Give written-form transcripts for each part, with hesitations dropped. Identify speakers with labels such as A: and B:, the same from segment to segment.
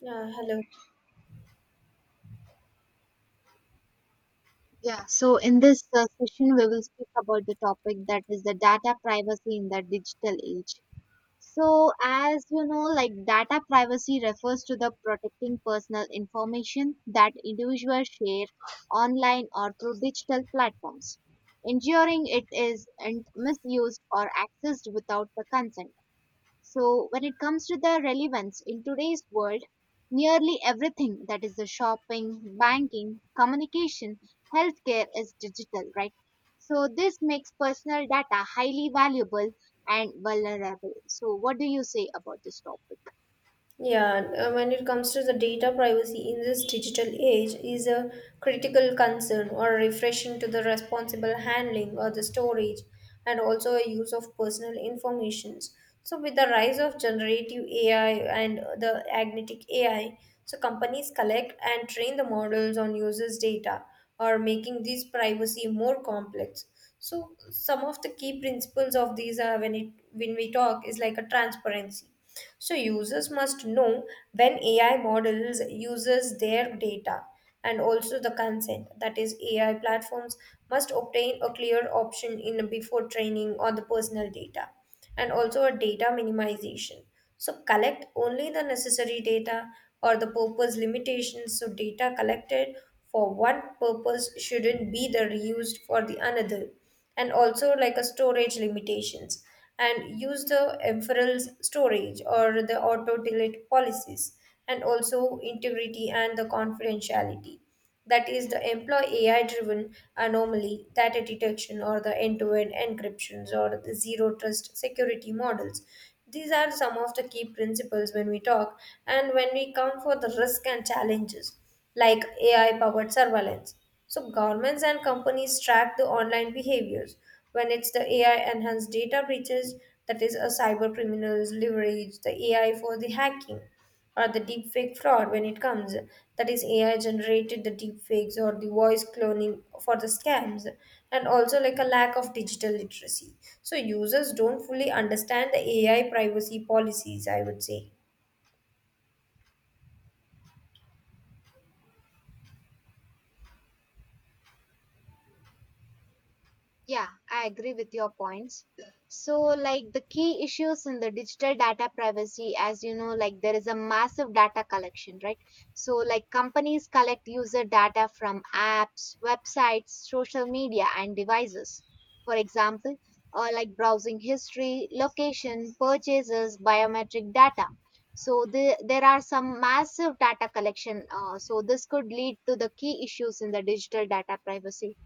A: Yeah, hello.
B: Yeah, so in this session, we will speak about the topic that is the data privacy in the digital age. So, as you know, like data privacy refers to the protecting personal information that individuals share online or through digital platforms, ensuring it is and misused or accessed without the consent. So, when it comes to the relevance in today's world, nearly everything that is the shopping, banking, communication, healthcare is digital, right? So, this makes personal data highly valuable and vulnerable. So, what do you say about this topic?
A: Yeah, when it comes to the data privacy in this digital age is a critical concern or refreshing to the responsible handling or the storage and also a use of personal informations. So with the rise of generative AI and the agnetic AI, so companies collect and train the models on users' data or making this privacy more complex. So some of the key principles of these are when we talk is like a transparency. So users must know when AI models uses their data and also the consent. That is, AI platforms must obtain a clear option in before training on the personal data and also a data minimization. So collect only the necessary data or the purpose limitations. So data collected for one purpose shouldn't be the reused for the another. And also like a storage limitations and use the inference storage or the auto delete policies and also integrity and the confidentiality. That is the employee AI driven anomaly, data detection, or the end to end encryptions, or the zero trust security models. These are some of the key principles when we talk, and when we come for the risk and challenges like AI powered surveillance. So, governments and companies track the online behaviors. When it's the AI enhanced data breaches, that is, a cyber criminals leverage the AI for the hacking or the deepfake fraud when it comes, that is AI generated the deepfakes or the voice cloning for the scams, and also like a lack of digital literacy, so users don't fully understand the AI privacy policies, I would say.
B: Yeah, I agree with your points. So, like the key issues in the digital data privacy, as you know, like there is a massive data collection, right? So, like companies collect user data from apps, websites, social media, and devices. For example, or like browsing history, location, purchases, biometric data. So, there are some massive data collection. So, this could lead to the key issues in the digital data privacy,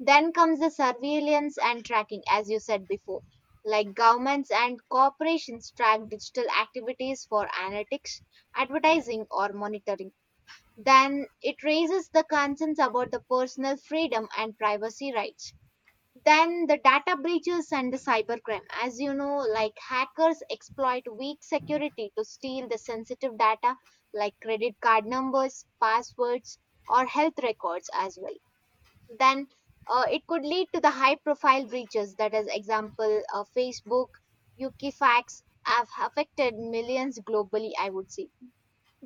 B: then comes the surveillance and tracking, as you said before. Like governments and corporations track digital activities for analytics, advertising, or monitoring. Then it raises the concerns about the personal freedom and privacy rights. Then the data breaches and the cybercrime. As you know, like hackers exploit weak security to steal the sensitive data like credit card numbers, passwords, or health records as well, then it could lead to the high profile breaches, that is example, facebook, wikifax, have affected millions globally, I would say.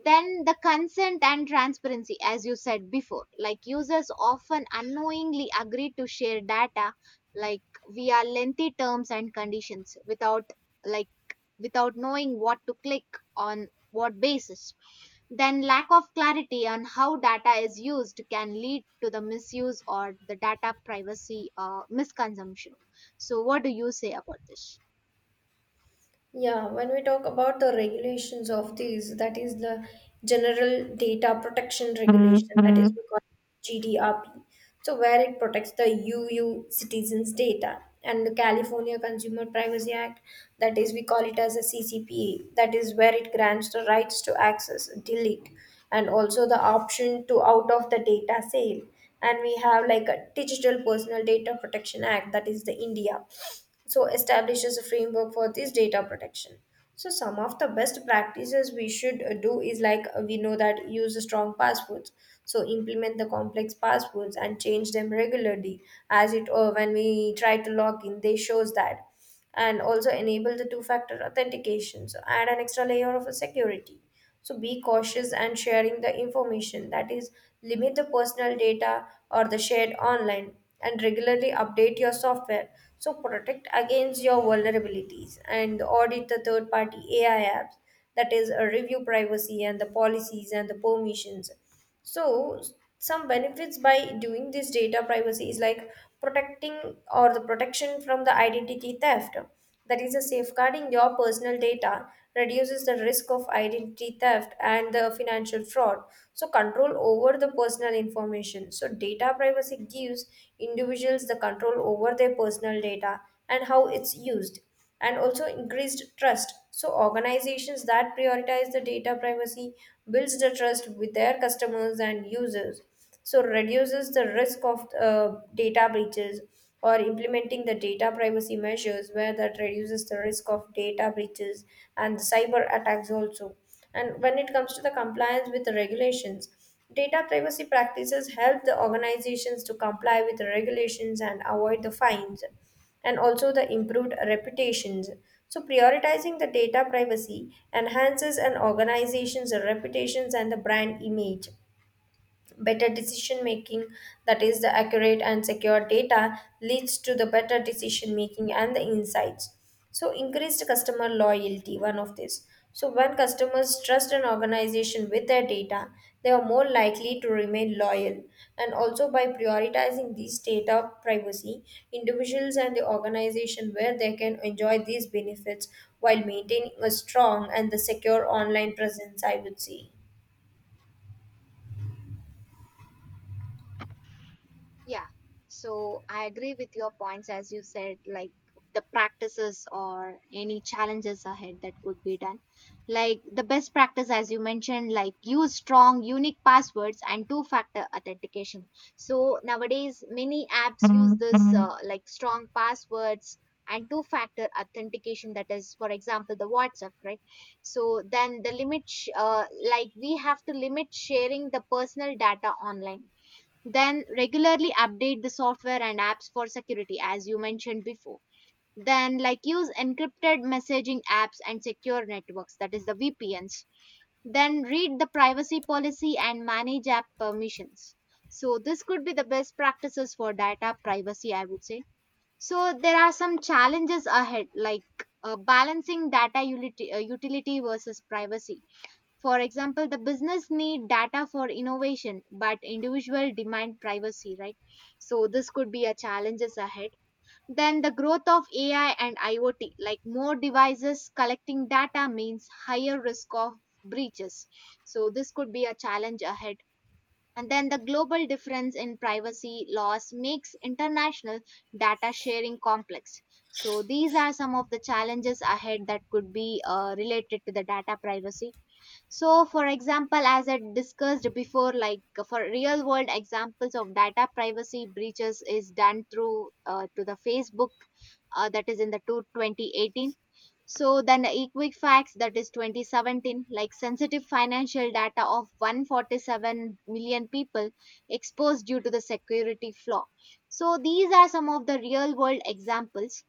B: Then the consent and transparency, as you said before, like users often unknowingly agree to share data, like via lengthy terms and conditions without, like, without knowing what to click on what basis. Then lack of clarity on how data is used can lead to the misuse or the data privacy misconsumption. So what do you say about this?
A: Yeah, when we talk about the regulations of these, that is the General Data Protection Regulation, that is we call GDRP. So where it protects the UU citizens' data and the California Consumer Privacy Act, that is we call it as a CCPA. That is where it grants the rights to access, delete, and also the option to out of the data sale. And we have like a Digital Personal Data Protection Act, that is the India, so establishes a framework for this data protection. So some of the best practices we should do is like, we know that use strong passwords, so implement the complex passwords and change them regularly as it or when we try to log in they shows that, and also enable the two factor authentication, so add an extra layer of security. So be cautious and sharing the information, that is limit the personal data or the shared online, and regularly update your software, so protect against your vulnerabilities, and audit the third party AI apps, that is review privacy and the policies and the permissions. So some benefits by doing this data privacy is like protecting or the protection from the identity theft. That is a safeguarding your personal data reduces the risk of identity theft and the financial fraud. So control over the personal information. So data privacy gives individuals the control over their personal data and how it's used, and also increased trust, so organizations that prioritize the data privacy builds the trust with their customers and users, so reduces the risk of data breaches or implementing the data privacy measures where that reduces the risk of data breaches and cyber attacks also. And when it comes to the compliance with the regulations, data privacy practices help the organizations to comply with the regulations and avoid the fines, and also the improved reputations. So, prioritizing the data privacy enhances an organization's reputations and the brand image. Better decision making, that is, the accurate and secure data, leads to the better decision making and the insights. So, increased customer loyalty, one of this. So, when customers trust an organization with their data, they are more likely to remain loyal. And also, by prioritizing these data privacy, individuals and the organization where they can enjoy these benefits while maintaining a strong and the secure online presence, I would say.
B: Yeah. So I agree with your points, as you said, like the practices or any challenges ahead that could be done. Like the best practice, as you mentioned, like use strong, unique passwords and two factor authentication. So nowadays, many apps use this like strong passwords and two factor authentication, that is for example the whatsapp, right? So then the limit like, we have to limit sharing the personal data online, then regularly update the software and apps for security, as you mentioned before. Then, like, use encrypted messaging apps and secure networks, that is the VPNs. Then, read the privacy policy and manage app permissions. So, this could be the best practices for data privacy, I would say. So, there are some challenges ahead, like balancing data utility versus privacy, for example, the business need data for innovation, but individual demand privacy, right? So this could be a challenges ahead. Then the growth of AI and IoT, like more devices collecting data means higher risk of breaches. So this could be a challenge ahead. And then the global difference in privacy laws makes international data sharing complex. So these are some of the challenges ahead that could be related to the data privacy. So, for example, as I discussed before, like for real world examples of data privacy breaches is done through to the Facebook, that is in the 2018. So then the Equifax that is 2017, like sensitive financial data of 147 million people exposed due to the security flaw. So these are some of the real world examples.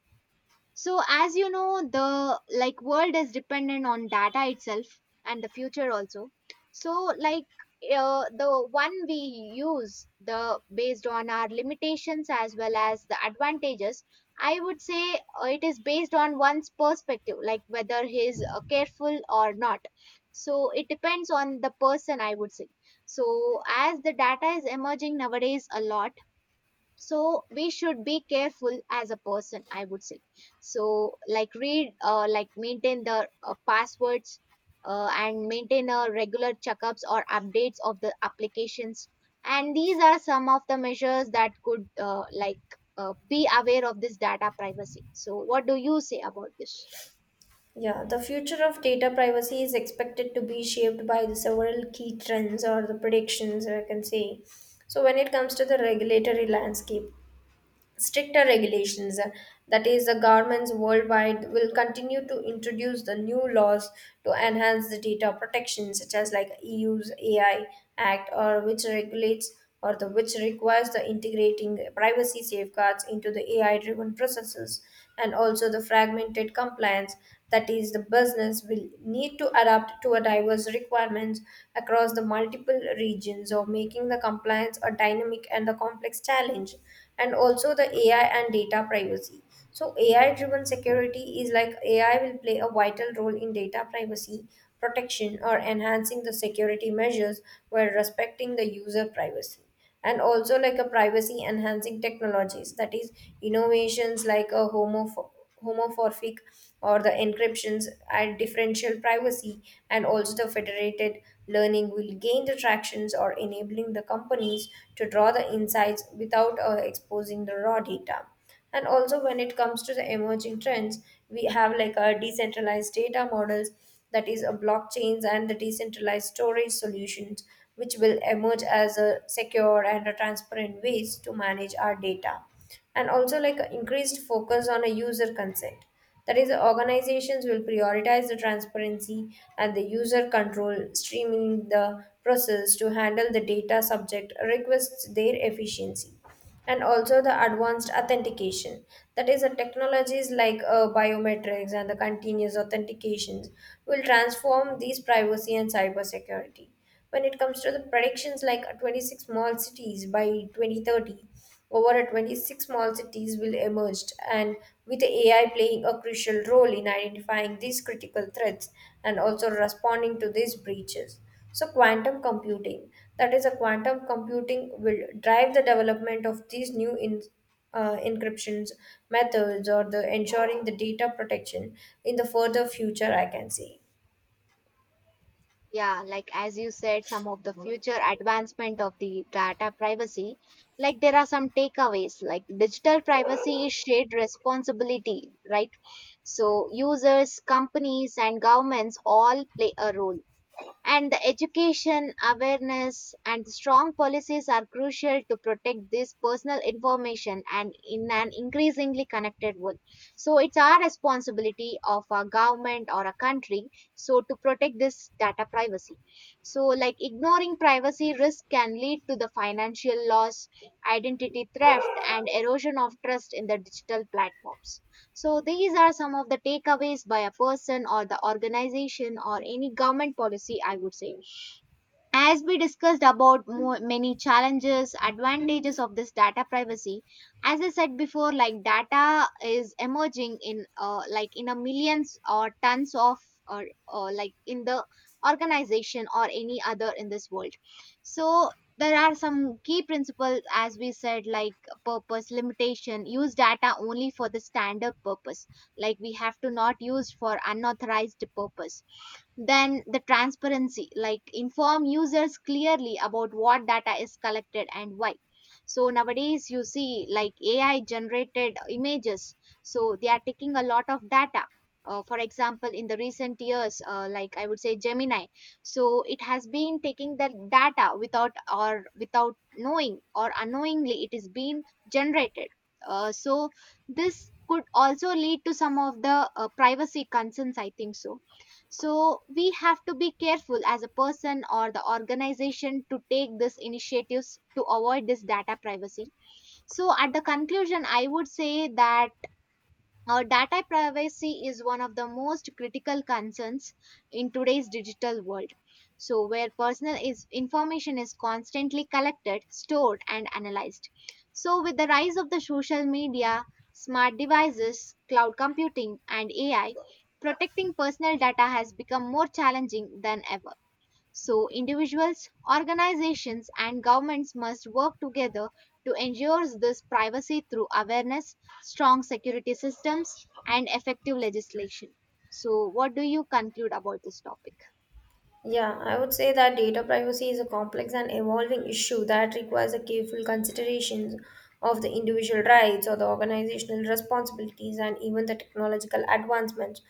B: So as you know, the like world is dependent on data itself and the future also. So like, the one we use the based on our limitations as well as the advantages, I would say, it is based on one's perspective, like whether he is careful or not, so it depends on the person, I would say. So as the data is emerging nowadays a lot, so we should be careful as a person, I would say. So like read, like maintain the passwords, and maintain regular checkups or updates of the applications, and these are some of the measures that could like be aware of this data privacy. So what do you say about this?
A: Yeah, the future of data privacy is expected to be shaped by the several key trends or the predictions, I can say. So, when it comes to the regulatory landscape, stricter regulations, that is, the governments worldwide will continue to introduce the new laws to enhance the data protection, such as like EU's AI Act, or which regulates or the which requires the integrating privacy safeguards into the AI-driven processes, and also the fragmented compliance, that is the business will need to adapt to a diverse requirements across the multiple regions or making the compliance a dynamic and a complex challenge. And also the AI and data privacy, so AI driven security is like AI will play a vital role in data privacy protection or enhancing the security measures while respecting the user privacy, and also like a privacy enhancing technologies, that is innovations like a homomorphic or the encryptions and differential privacy, and also the federated learning will gain the tractions or enabling the companies to draw the insights without exposing the raw data. And also when it comes to the emerging trends, we have like our decentralized data models, that is a blockchains and the decentralized storage solutions, which will emerge as a secure and a transparent ways to manage our data, and also like a increased focus on a user consent, that is the organizations will prioritize the transparency and the user control streaming the process to handle the data subject requests their efficiency, and also the advanced authentication, that is the technologies like biometrics and the continuous authentications will transform these privacy and cybersecurity. When it comes to the predictions, like 26 small cities by 2030, over at 26 small cities will emerge, and with AI playing a crucial role in identifying these critical threats and also responding to these breaches. So, quantum computing, that is, a quantum computing will drive the development of these new in, encryptions methods or the ensuring the data protection in the further future, I can say.
B: Yeah, like as you said, some of the Mhm. future advancement of the data privacy, like there are some takeaways, like digital privacy is shared responsibility, right? So users, companies, and governments all play a role, and the education, awareness, and strong policies are crucial to protect this personal information and in an increasingly connected world. So it's our responsibility of a government or a country so to protect this data privacy. So like ignoring privacy risk can lead to the financial loss, identity theft, and erosion of trust in the digital platforms. So these are some of the takeaways by a person or the organization or any government policy, I would say. As we discussed about many challenges, advantages of this data privacy, as I said before, like data is emerging in, like in a millions or tons of, or like in the organization or any other in this world. So there are some key principles as we said, like purpose limitation, use data only for the standard purpose, like we have to not use for unauthorized purpose. Then the transparency, like inform users clearly about what data is collected and why. So nowadays you see like AI generated images. So they are taking a lot of data. For example, in the recent years, like I would say Gemini, so it has been taking the data without or without knowing or unknowingly it is being generated. So this could also lead to some of the privacy concerns, I think so. So we have to be careful as a person or the organization to take these initiatives to avoid this data privacy. So at the conclusion, I would say that our data privacy is one of the most critical concerns in today's digital world. So, where personal is, information is constantly collected, stored, and analyzed. So, with the rise of the social media, smart devices, cloud computing, and AI, protecting personal data has become more challenging than ever. So, individuals, organizations, and governments must work together to ensure this privacy through awareness, strong security systems, and effective legislation. So, what do you conclude about this topic?
A: Yeah, I would say that data privacy is a complex and evolving issue that requires a careful consideration of the individual rights or the organizational responsibilities and even the technological advancements.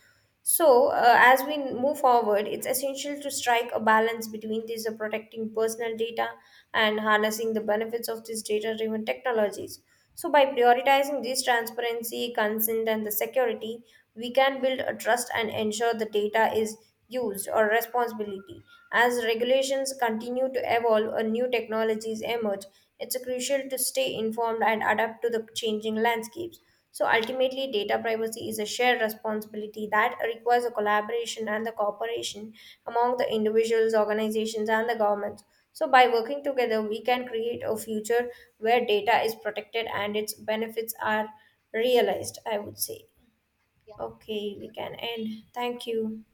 A: So, as we move forward, it's essential to strike a balance between this protecting personal data and harnessing the benefits of these data driven technologies. So, by prioritizing this transparency, consent, and the security, we can build a trust and ensure the data is used or responsibility. As regulations continue to evolve and new technologies emerge, it's crucial to stay informed and adapt to the changing landscapes. So ultimately, data privacy is a shared responsibility that requires a collaboration and the cooperation among the individuals, organizations, and the governments. So by working together, we can create a future where data is protected and its benefits are realized, I would say.
B: Yeah,
A: Okay,
B: thank
A: we
B: you.
A: can end. Thank you.